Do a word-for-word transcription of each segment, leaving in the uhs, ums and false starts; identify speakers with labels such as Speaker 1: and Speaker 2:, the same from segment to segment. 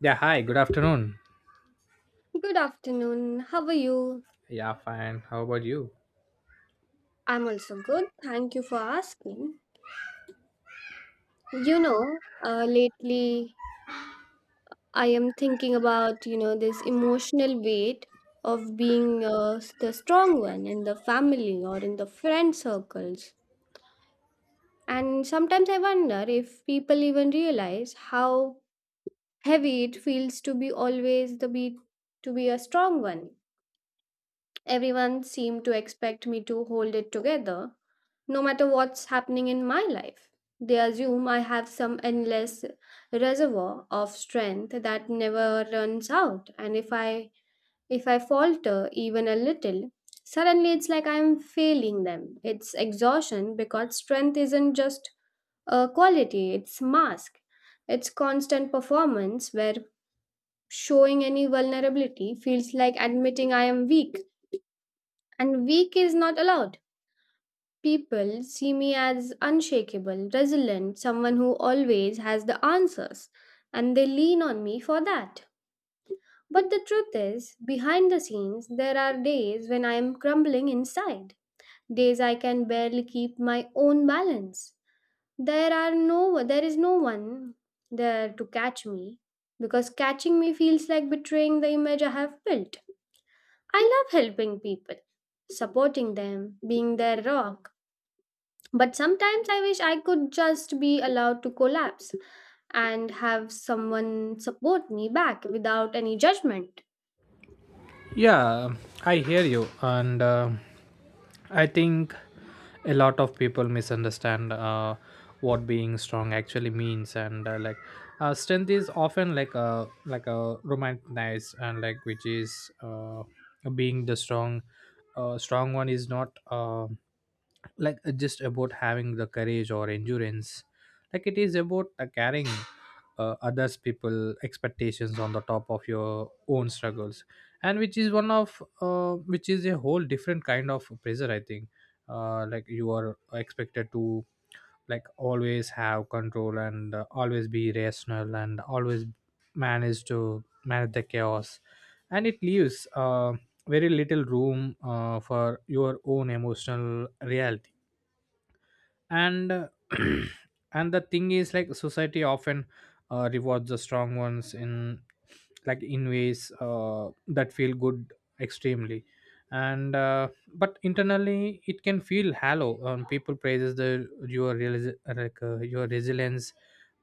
Speaker 1: Yeah, hi, good afternoon.
Speaker 2: Good afternoon. How are you?
Speaker 1: Yeah, fine. How about you?
Speaker 2: I'm also good. Thank you for asking. You know, uh, lately I am thinking about, you know, this emotional weight of being uh, s- the strong one in the family or in the friend circles. And sometimes I wonder if people even realize how heavy it feels to be always the be to be a strong one. Everyone seemed to expect me to hold it together no matter what's happening in my life. They assume I have some endless reservoir of strength that never runs out. And if I if I falter even a little, suddenly it's like I'm failing them. It's exhaustion because strength isn't just a quality, it's mask. It's constant performance where showing any vulnerability feels like admitting I am weak. And weak is not allowed. People see me as unshakable, resilient, someone who always has the answers, and they lean on me for that. But the truth is, behind the scenes, there are days when I am crumbling inside, days I can barely keep my own balance. There are no there is no one there to catch me because catching me feels like betraying the image I have built. I love helping people, supporting them, being their rock, but sometimes I wish I could just be allowed to collapse and have someone support me back without any judgment.
Speaker 1: Yeah, I hear you. And uh, I think a lot of people misunderstand uh, what being strong actually means. And uh, like, uh, strength is often like a like a romanticized and like which is uh, being the strong uh, strong one is not. Uh, like uh, just about having the courage or endurance, like it is about uh, carrying uh, others people expectations on the top of your own struggles, and which is one of uh, which is a whole different kind of pressure I think. Uh, like you are expected to like always have control, and uh, always be rational and always manage to manage the chaos, and it leaves uh, very little room uh, for your own emotional reality and uh, and the thing is like society often uh, rewards the strong ones in like in ways uh, that feel good extremely, and uh, but internally it can feel hollow. Um, people praises the your realis- like, uh, your resilience,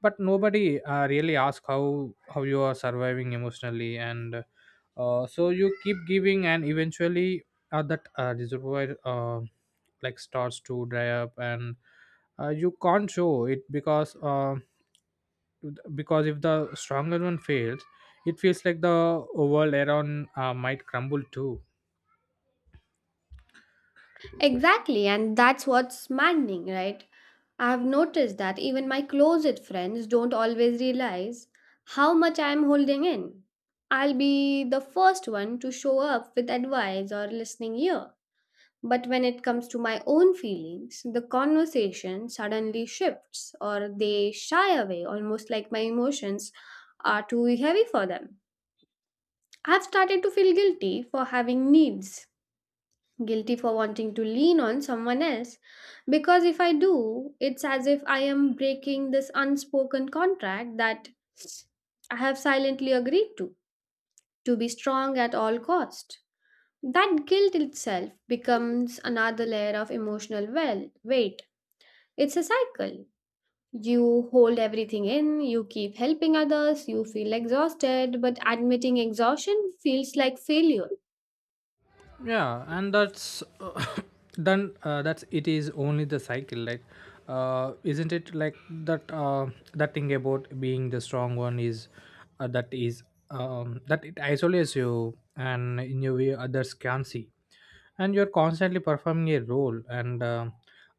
Speaker 1: but nobody uh, really asks how how you are surviving emotionally, and uh, so you keep giving, and eventually uh, that uh, reservoir uh, like starts to dry up, and uh, you can't show it because uh, because if the stronger one fails, it feels like the world around uh, might crumble too.
Speaker 2: Exactly, and that's what's maddening, right? I've noticed that even my closet friends don't always realize how much I'm holding in. I'll be the first one to show up with advice or listening ear. But when it comes to my own feelings, the conversation suddenly shifts or they shy away, almost like my emotions are too heavy for them. I've started to feel guilty for having needs, guilty for wanting to lean on someone else, because if I do, it's as if I am breaking this unspoken contract that I have silently agreed to to be strong at all cost. That guilt itself becomes another layer of emotional well weight. It's a cycle. You hold everything in, you keep helping others, you feel exhausted, but admitting exhaustion feels like failure.
Speaker 1: Yeah, and that's uh, done uh, that's it is only the cycle, like uh, isn't it like that uh, that thing about being the strong one is uh, that is um, that it isolates you and in your way others can not see, and you're constantly performing a role, and uh,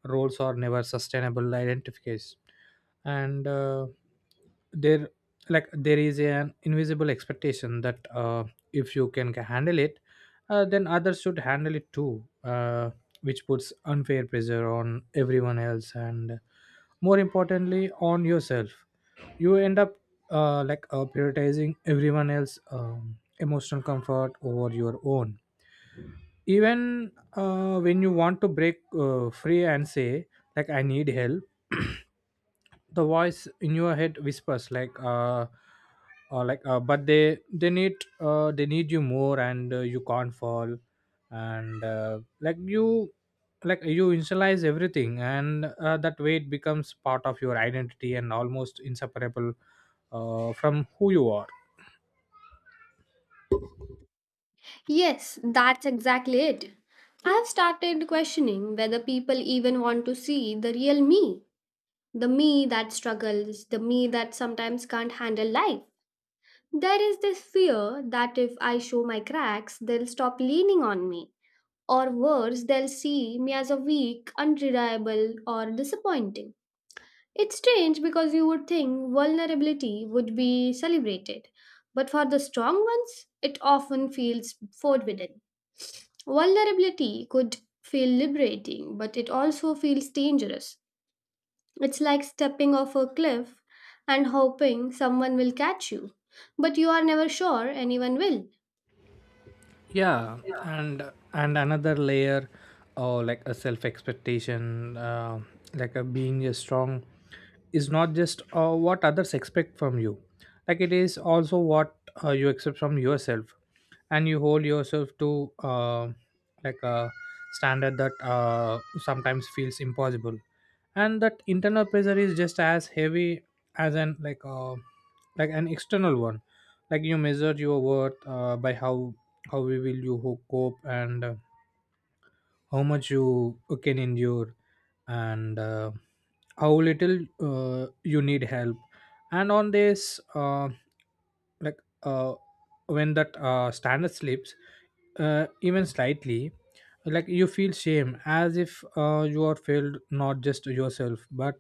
Speaker 1: roles are never sustainable identifiers, and uh, there like there is an invisible expectation that uh, if you can ca- handle it, uh, then others should handle it too, uh, which puts unfair pressure on everyone else and more importantly on yourself. You end up uh, like uh, prioritizing everyone else um, emotional comfort over your own, even uh, when you want to break uh, free and say like I need help. The voice in your head whispers like uh, uh like uh, but they they need uh they need you more, and uh, you can't fall, and uh, like you like you initialize everything, and uh, that weight becomes part of your identity and almost inseparable uh, from who you are.
Speaker 2: Yes, that's exactly it. I've started questioning whether people even want to see the real me, the me that struggles, the me that sometimes can't handle life. There is this fear that if I show my cracks, they'll stop leaning on me, or worse, they'll see me as a weak, unreliable, or disappointing. It's strange because you would think vulnerability would be celebrated, but for the strong ones, it often feels forbidden. Vulnerability could feel liberating, but it also feels dangerous. It's like stepping off a cliff and hoping someone will catch you, but you are never sure anyone will.
Speaker 1: Yeah, and and another layer or like a self expectation. Uh, like a being a strong is not just uh, what others expect from you, like it is also what uh, you accept from yourself, and you hold yourself to uh, like a standard that uh, sometimes feels impossible, and that internal pressure is just as heavy as an like uh, like an external one. Like you measure your worth uh, by how how we will you ho- cope, and uh, how much you uh, can endure, and uh, how little uh, you need help. And on this uh, like uh, when that uh, standard slips uh, even slightly, like you feel shame as if uh, you are failed not just yourself but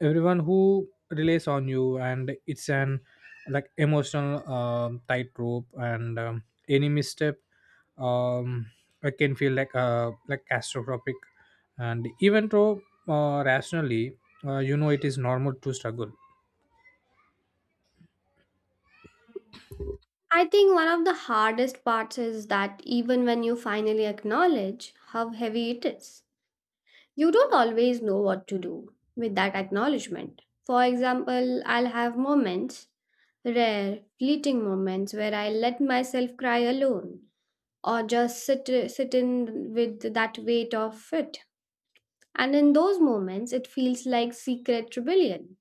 Speaker 1: everyone who relies on you, and it's an like emotional um, tightrope, and um, any misstep um, I can feel like uh, like catastrophic, and even though uh, rationally uh, you know it is normal to struggle.
Speaker 2: I think one of the hardest parts is that even when you finally acknowledge how heavy it is, you don't always know what to do with that acknowledgement. For example, I'll have moments, rare, fleeting moments, where I let myself cry alone or just sit, sit in with that weight of it. And in those moments, it feels like secret rebellion,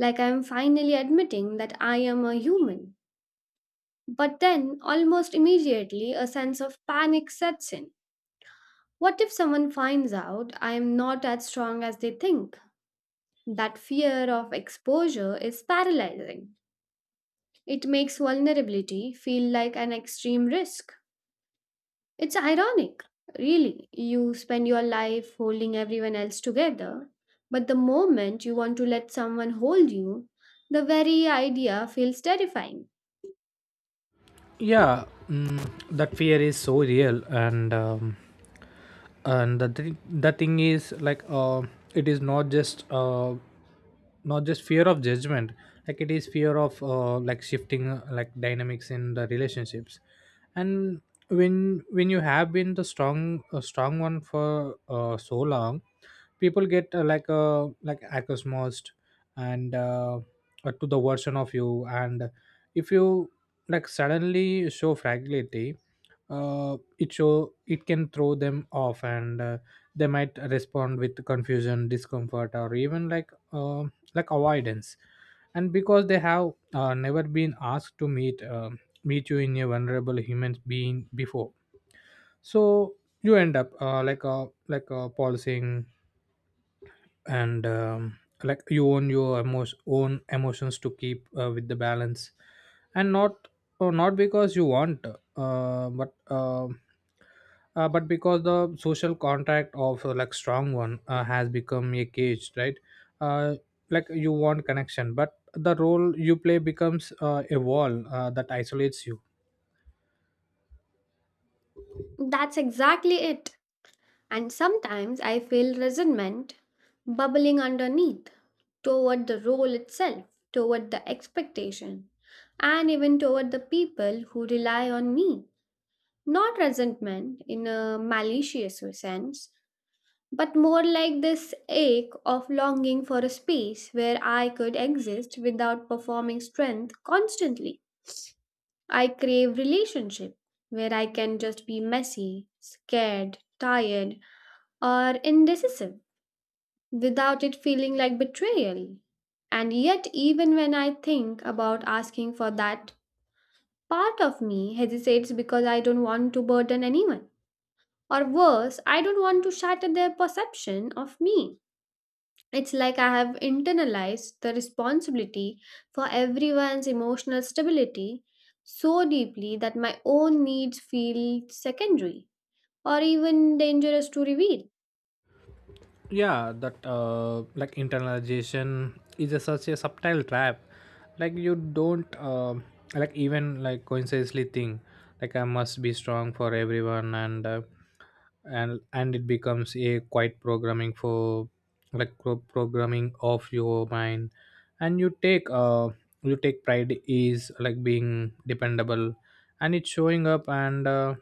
Speaker 2: like I'm finally admitting that I am a human. But then, almost immediately, a sense of panic sets in. What if someone finds out I am not as strong as they think? That fear of exposure is paralyzing. It makes vulnerability feel like an extreme risk. It's ironic, really. You spend your life holding everyone else together, but the moment you want to let someone hold you, the very idea feels terrifying.
Speaker 1: Yeah. Mm, that fear is so real, and um, and the, thing the thing is like uh, it is not just uh, not just fear of judgment, like it is fear of uh, like shifting uh, like dynamics in the relationships, and when when you have been the strong a strong one for uh, so long, people get uh, like uh, like accustomed and uh, uh, to the version of you, and if you like suddenly show fragility, uh, it show it can throw them off, and uh, they might respond with confusion, discomfort, or even like uh, like avoidance, and because they have uh, never been asked to meet uh, meet you in a vulnerable human being before. So you end up uh, like a like a policing, and um, like you own your emo- own emotions to keep uh, with the balance, and not or not because you want, uh, but um uh, but because the social contract of uh, like strong one uh, has become a cage, right? uh, like you want connection, but the role you play becomes uh, a wall uh, that isolates you.
Speaker 2: That's exactly it. And sometimes I feel resentment bubbling underneath toward the role itself, toward the expectation, and even toward the people who rely on me. Not resentment in a malicious sense, but more like this ache of longing for a space where I could exist without performing strength constantly. I crave relationship where I can just be messy, scared, tired, or indecisive without it feeling like betrayal. And yet, even when I think about asking for that, part of me hesitates because I don't want to burden anyone. Or worse, I don't want to shatter their perception of me. It's like I have internalized the responsibility for everyone's emotional stability so deeply that my own needs feel secondary or even dangerous to reveal.
Speaker 1: Yeah, that uh, like internalization is a such a subtle trap. Like you don't uh, like even like coincidentally think like I must be strong for everyone, and uh, and and it becomes a quite programming for like pro- programming of your mind. And you take uh you take pride is like being dependable, and it's showing up, and uh,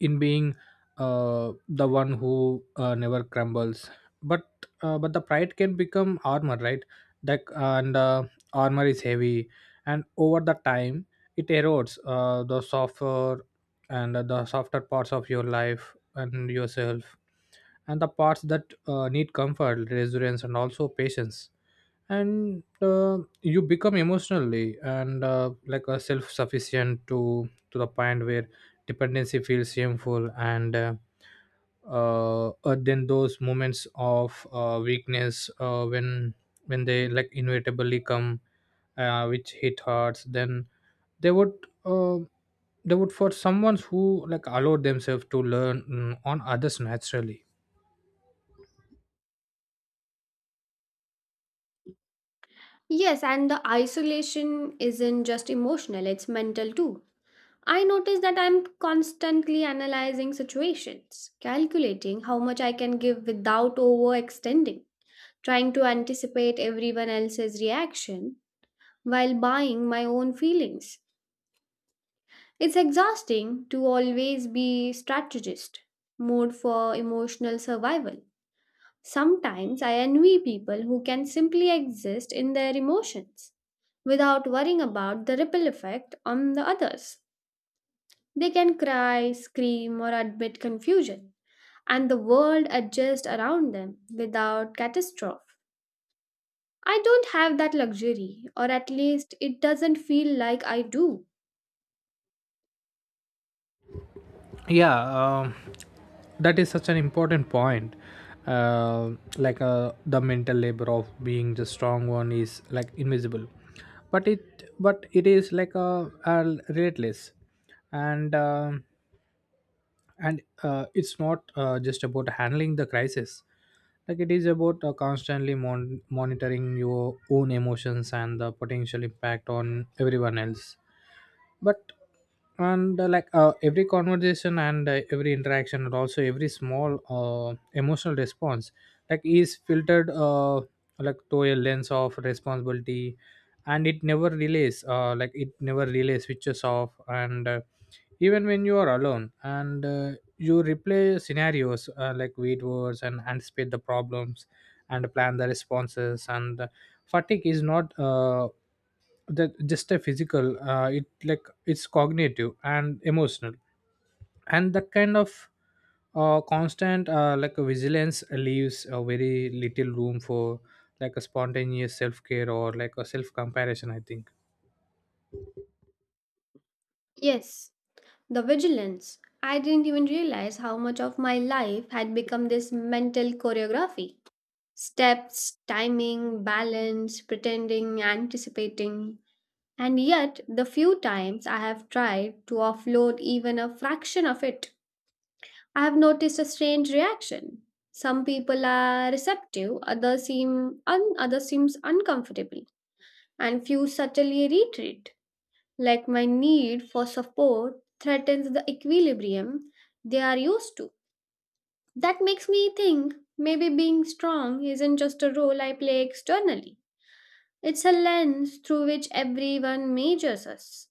Speaker 1: in being uh, the one who uh, never crumbles, but uh, but the pride can become armor, right? that uh, and uh, Armor is heavy, and over the time it erodes uh, the softer and the softer parts of your life and yourself, and the parts that uh, need comfort, resilience, and also patience, and uh, you become emotionally and uh, like a self-sufficient to to the point where dependency feels shameful, and uh, uh, uh, then those moments of uh, weakness uh, when when they like inevitably come, uh, which hit hearts, then they would uh, they would for someone who like allow themselves to learn mm, on others naturally.
Speaker 2: Yes, and the isolation isn't just emotional, it's mental too. I notice that I'm constantly analyzing situations, calculating how much I can give without overextending, trying to anticipate everyone else's reaction while buying my own feelings. It's exhausting to always be strategist, mode for emotional survival. Sometimes I envy people who can simply exist in their emotions without worrying about the ripple effect on the others. They can cry, scream, or admit confusion, and the world adjusts around them without catastrophe. I don't have that luxury, or at least it doesn't feel like I do.
Speaker 1: Yeah. Um that is such an important point. uh, like uh, the mental labor of being the strong one is like invisible, but it but it is like a, a relentless, and um and uh, it's not uh, just about handling the crisis, like it is about uh, constantly mon- monitoring your own emotions and the potential impact on everyone else, but and uh, like uh, every conversation, and uh, every interaction, and also every small uh, emotional response like is filtered uh, like to a lens of responsibility, and it never relays uh, like it never relays switches off, and uh, even when you are alone, and uh, you replay scenarios uh, like wait words, and anticipate the problems, and plan the responses, and fatigue is not uh, the, just a physical, uh, it like it's cognitive and emotional, and that kind of uh, constant uh, like a vigilance leaves a very little room for like a spontaneous self-care or like a self-comparison I think.
Speaker 2: Yes, the vigilance. I didn't even realize how much of my life had become this mental choreography. Steps, timing, balance, pretending, anticipating. And yet, the few times I have tried to offload even a fraction of it, I've noticed a strange reaction. Some people are receptive, others seem un- other seems uncomfortable, and few subtly retreat. Like my need for support threatens the equilibrium they are used to. That makes me think maybe being strong isn't just a role I play externally. It's a lens through which everyone measures us.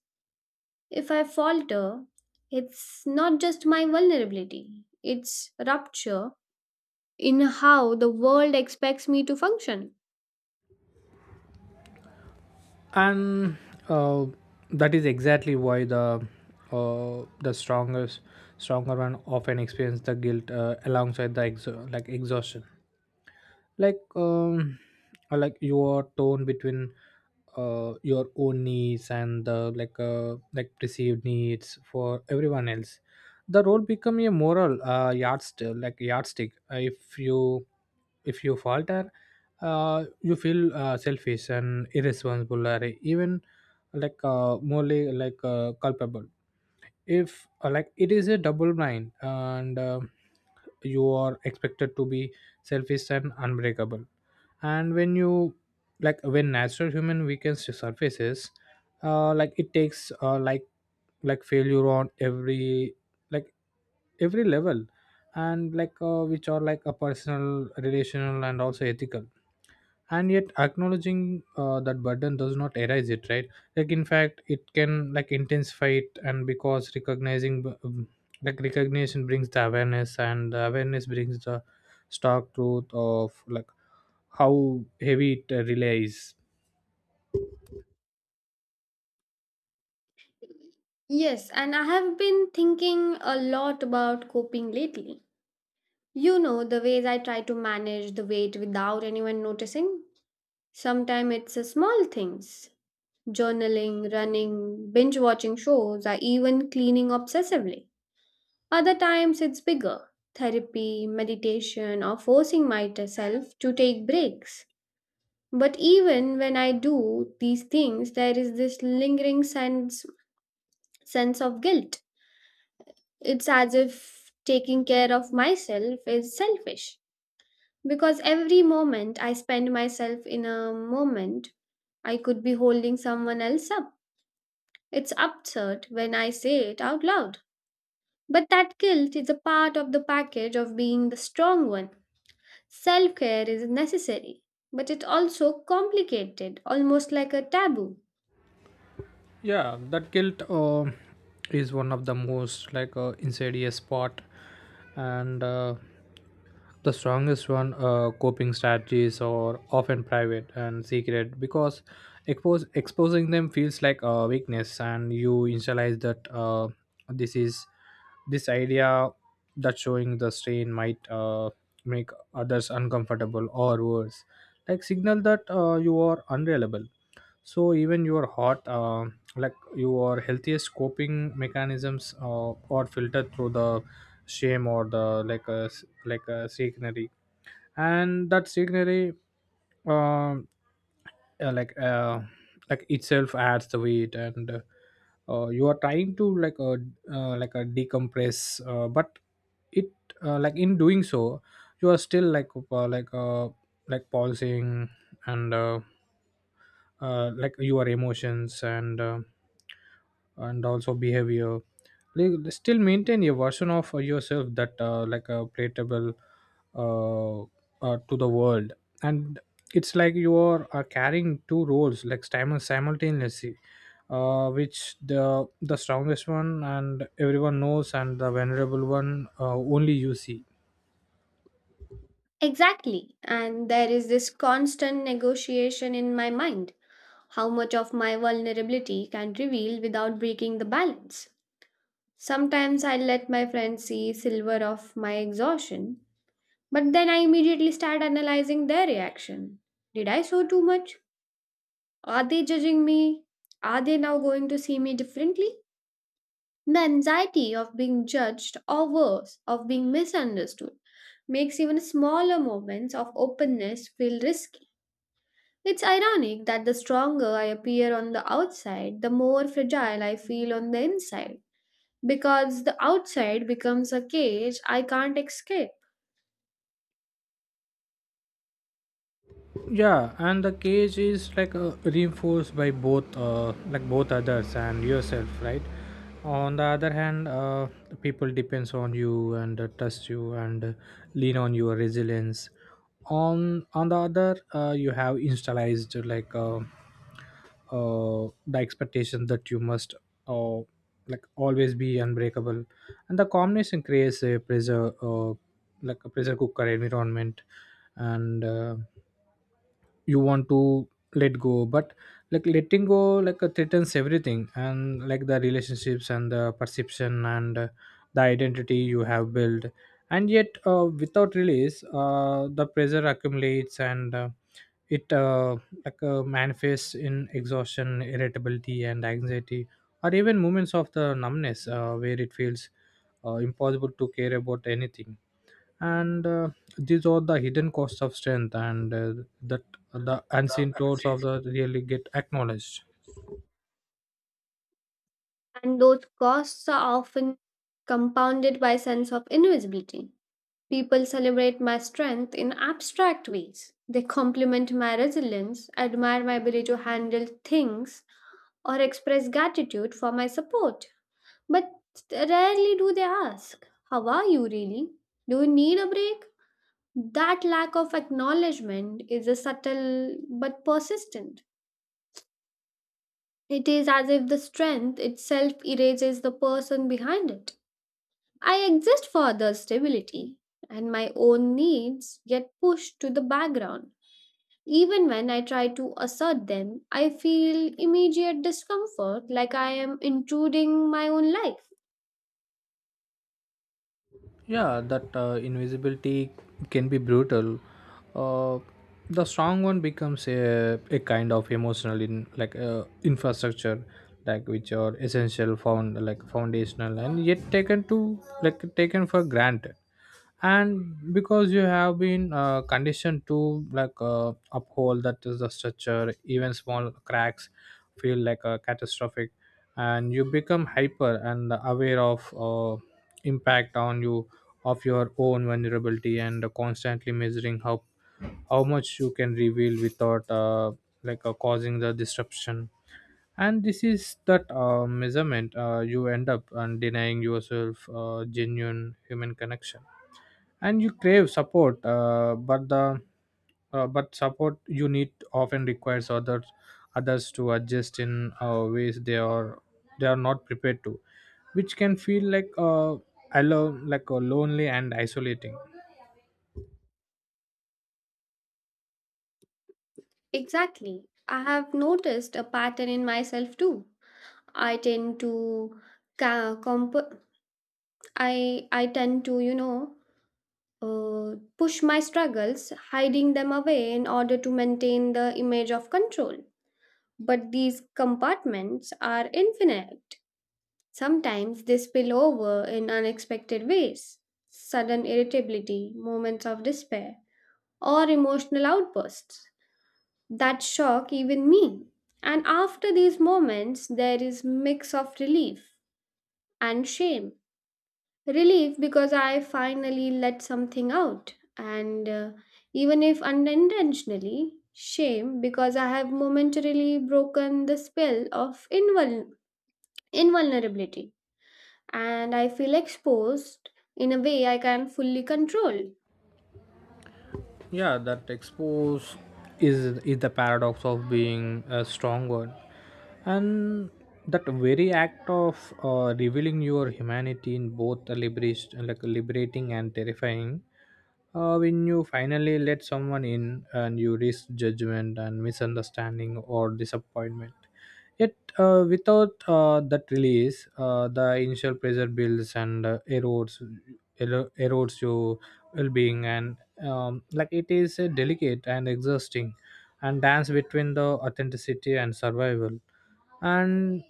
Speaker 2: If I falter, it's not just my vulnerability, it's rupture in how the world expects me to function.
Speaker 1: And uh, that is exactly why the uh, the strongest stronger one often experience the guilt uh, alongside the exo- like exhaustion. like um I like your tone between uh your own needs and the like uh like perceived needs for everyone else. The role become a moral uh yardstick, like yardstick. Uh, if you if you falter, uh you feel uh, selfish and irresponsible, or even like uh morally like uh, culpable. If uh, Like it is a double blind, and uh, you are expected to be selfish and unbreakable, and when you like when natural human weakness surfaces, uh like it takes uh like like failure on every like every level, and like uh, which are like a personal, relational, and also ethical, and yet acknowledging uh, that burden does not erase it, right? Like in fact it can like intensify it, and because recognizing b- um, like recognition brings the awareness, and the awareness brings the stark truth of like how heavy it uh, relies.
Speaker 2: Yes, and I have been thinking a lot about coping lately. You know, the ways I try to manage the weight without anyone noticing. Sometimes it's a small things journaling, running, binge watching shows, or even cleaning obsessively. Other times it's bigger therapy, meditation, or forcing myself to take breaks. But even when I do these things, there is this lingering sense sense of guilt. It's as if taking care of myself is selfish because every moment I spend myself in a moment, I could be holding someone else up. It's absurd when I say it out loud. But that guilt is a part of the package of being the strong one. Self care is necessary, but it also complicated, almost like a taboo.
Speaker 1: Yeah, that guilt uh, is one of the most like uh, insidious part, and uh, the strongest one uh, coping strategies are often private and secret because expose, exposing them feels like a weakness, and you initialize that uh, this is this idea that showing the strain might uh, make others uncomfortable, or worse, like signal that uh, you are unreliable. So even you are hot uh, like your healthiest coping mechanisms uh, are filtered through the shame or the like a s- like a signary, and that signary um uh, like uh, like itself adds the weight, and uh, uh, you are trying to like a uh, like a decompress, uh, but it uh, like in doing so you are still like uh, like uh, like pausing, and uh, uh, like your emotions, and uh, and also behavior, like, still maintain a version of yourself that uh, like a palatable uh, uh, to the world, and it's like you are uh, carrying two roles like sim- simultaneously, uh, which the the strongest one and everyone knows, and the vulnerable one uh, only you see.
Speaker 2: Exactly. And there is this constant negotiation in my mind. How much of my vulnerability can reveal without breaking the balance? Sometimes I let my friends see silver of my exhaustion, but then I immediately start analyzing their reaction. Did I show too much? Are they judging me? Are they now going to see me differently? The anxiety of being judged or worse, of being misunderstood, makes even smaller moments of openness feel risky. It's ironic that the stronger I appear on the outside, the more fragile I feel on the inside, because the outside becomes a cage I can't escape,
Speaker 1: Yeah, and the cage is like uh, reinforced by both uh, like both others and yourself, right? On the other hand, uh, people depends on you, and uh, trust you, and uh, lean on your resilience. On on the other, uh, you have installed like uh, uh, the expectation that you must uh, like always be unbreakable, and The combination creates a pressure, uh, like a pressure cooker environment. And uh, You want to let go, but like letting go, like uh, threatens everything, and like the relationships and the perception and uh, the identity you have built. And yet, uh, without release, uh, the pressure accumulates, and uh, it uh, like uh, manifests in exhaustion, irritability and anxiety, or even moments of the numbness uh, where it feels uh, impossible to care about anything. And uh, These are the hidden costs of strength, and uh, that the unseen tolls of the really get acknowledged.
Speaker 2: and those costs are often compounded by sense of invisibility. People celebrate my strength in abstract ways. They compliment my resilience, admire my ability to handle things, or express gratitude for my support. But rarely do they ask, how are you really? Do you need a break? That lack of acknowledgement is a subtle but persistent. It is as if the strength itself erases the person behind it. I exist for others' stability and my own needs get pushed to the background. Even when I try to assert them, I feel immediate discomfort like I am intruding my own life.
Speaker 1: Yeah, that uh, invisibility can be brutal. Uh, the strong one becomes a, a kind of emotional in like uh, infrastructure, like which are essential, found like foundational, and yet taken to like taken for granted. And because you have been uh, conditioned to like uh, uphold that is the structure, even small cracks feel like a catastrophic. And you become hyper and aware of uh, impact on you, of your own vulnerability, and constantly measuring how how much you can reveal without uh, like uh, causing the disruption. And this is that uh, measurement, uh, you end up and denying yourself uh, genuine human connection. And you crave support, uh, but the uh, but support you need often requires others others to adjust in uh, ways they are they are not prepared to, which can feel like, uh, alone like uh, lonely and isolating.
Speaker 2: Exactly. I have noticed a pattern in myself too. I tend to ca- comp- I I tend to you know uh, push my struggles, hiding them away in order to maintain the image of control. But these compartments are infinite. Sometimes they spill over in unexpected ways. Sudden irritability, moments of despair, or emotional outbursts that shock even me. And after these moments, there is mix of relief and shame. Relief because I finally let something out, and uh, even if unintentionally, shame because I have momentarily broken the spell of invul- invulnerability and I feel exposed in a way I can fully control.
Speaker 1: Yeah, that expose is is the paradox of being a strong word, and that very act of uh, revealing your humanity in both a liberation, like liberating and terrifying. Uh, when you finally let someone in, and you risk judgment and misunderstanding or disappointment. Yet, uh, without uh, that release, uh, the initial pressure builds and uh, erodes, ero- erodes your well-being. And um, like it is a delicate and exhausting and dance between the authenticity and survival. and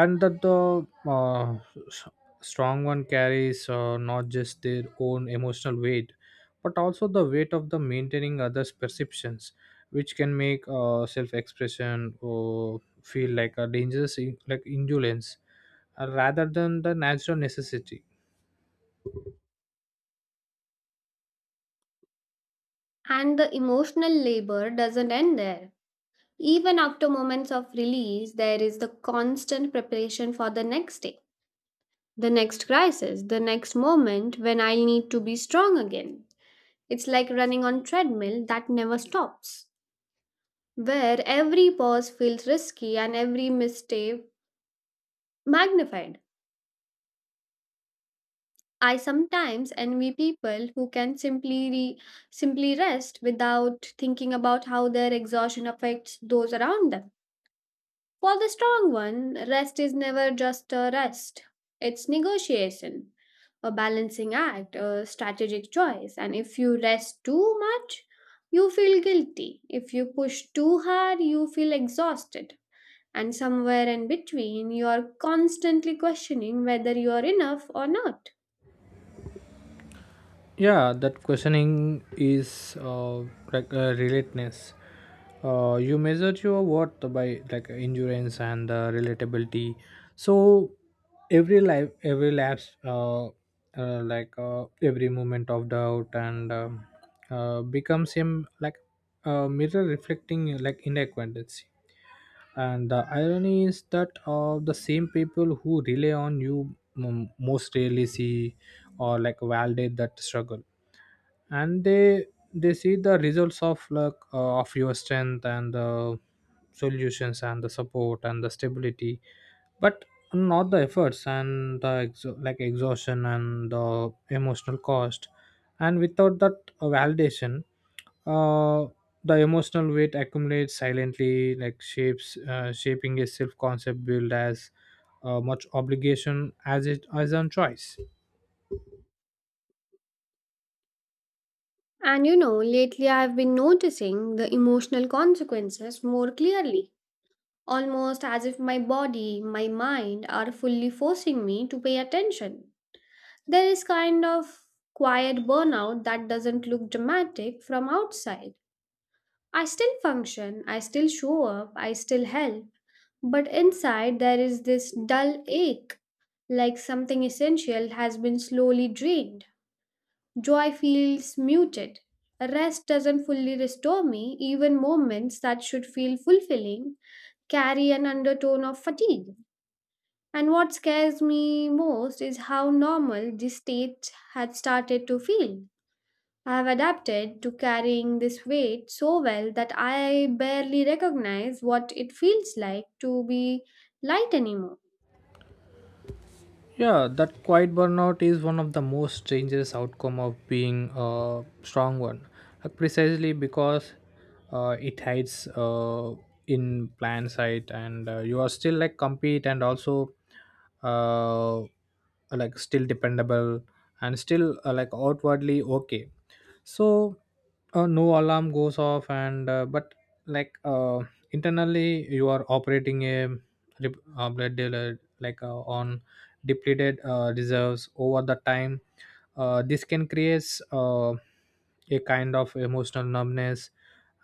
Speaker 1: and that the uh, s- strong one carries, uh, not just their own emotional weight, but also the weight of the maintaining others perceptions, which can make uh, self-expression or feel like a dangerous in- like indulgence, uh, rather than the natural necessity.
Speaker 2: And the emotional labor doesn't end there. Even after moments of release, there is the constant preparation for the next day, the next crisis, the next moment when I need to be strong again. It's like running on treadmill that never stops, where every pause feels risky and every mistake magnified. I sometimes envy people who can simply re- simply rest without thinking about how their exhaustion affects those around them. For the strong one, rest is never just a rest. It's negotiation, a balancing act, a strategic choice. And if you rest too much, you feel guilty. If you push too hard, you feel exhausted. And somewhere in between, you are constantly questioning whether you are enough or not.
Speaker 1: Yeah, that questioning is, uh, like uh, relatedness. Uh, you measure your worth by like endurance and uh, relatability. So every life, every lapse, uh, uh, like uh, every moment of doubt and um, uh, becomes him like a mirror reflecting like inadequacy. And the irony is that, uh, the same people who rely on you m- most rarely see or like validate that struggle. And they they see the results of like uh, of your strength and the solutions and the support and the stability, but not the efforts and the exo- like exhaustion and the emotional cost. And without that uh, validation, uh, the emotional weight accumulates silently, like shapes, uh, shaping a self concept built as uh, much obligation as it as on choice.
Speaker 2: And you know, lately I've been noticing the emotional consequences more clearly, almost as if my body, my mind are fully forcing me to pay attention. There is kind of quiet burnout that doesn't look dramatic from outside. I still function, I still show up, I still help, but inside there is this dull ache, like something essential has been slowly drained. Joy feels muted. Rest doesn't fully restore me, even moments that should feel fulfilling carry an undertone of fatigue. And what scares me most is how normal this state had started to feel. I have adapted to carrying this weight so well that I barely recognize what it feels like to be light anymore.
Speaker 1: Yeah, that quiet burnout is one of the most dangerous outcome of being a strong one, Uh, precisely because uh, it hides uh, in plain sight, and uh, you are still like compete, and also uh, like still dependable, and still uh, like outwardly okay. So, uh, no alarm goes off, and uh, but like uh, internally you are operating a rep- uh, blood dealer like uh, on depleted uh, reserves over the time. Uh, this can create uh, a kind of emotional numbness,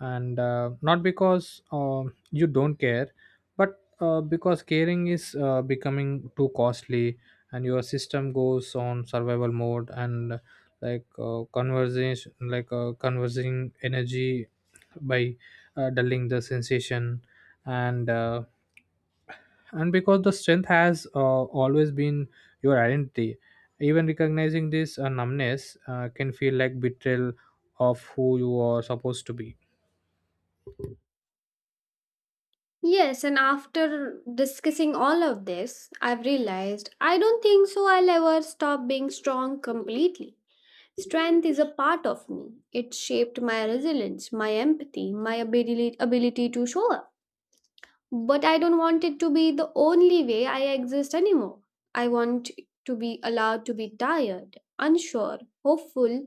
Speaker 1: and uh, not because uh, you don't care, but uh, because caring is, uh, becoming too costly, and your system goes on survival mode, and like uh, conversation, like uh, conversing energy by uh, dulling the sensation. And. Uh, and because the strength has uh, always been your identity, even recognizing this uh, numbness uh, can feel like betrayal of who you are supposed to be.
Speaker 2: Yes, and after discussing all of this, I've realized I don't think so I'll ever stop being strong completely. Strength is a part of me. It shaped my resilience, my empathy, my abili- ability to show up. But I don't want it to be the only way I exist anymore. I want to be allowed to be tired, unsure, hopeful,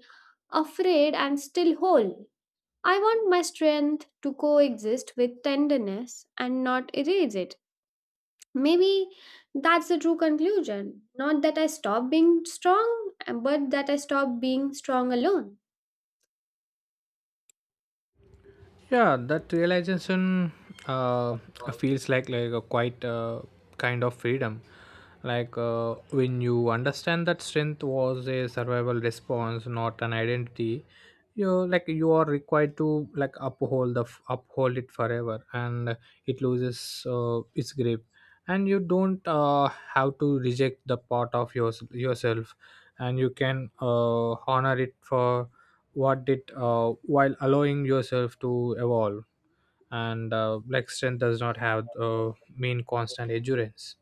Speaker 2: afraid, and still whole. I want my strength to coexist with tenderness and not erase it. Maybe that's the true conclusion. Not that I stop being strong, but that I stop being strong alone.
Speaker 1: Yeah, that realization uh, feels like like a quite, uh, kind of freedom. Like uh, when you understand that strength was a survival response, not an identity. You like you are required to like uphold the f- uphold it forever, and it loses uh, its grip. And you don't uh, have to reject the part of yours yourself, and you can uh, honor it for what did, uh, while allowing yourself to evolve. And uh, like strength does not have uh, mean constant endurance.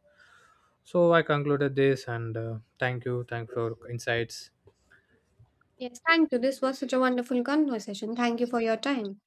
Speaker 1: So I concluded this, and uh, thank you thank you for your insights.
Speaker 2: Yes, thank you. This was such a wonderful conversation. Thank you for your time.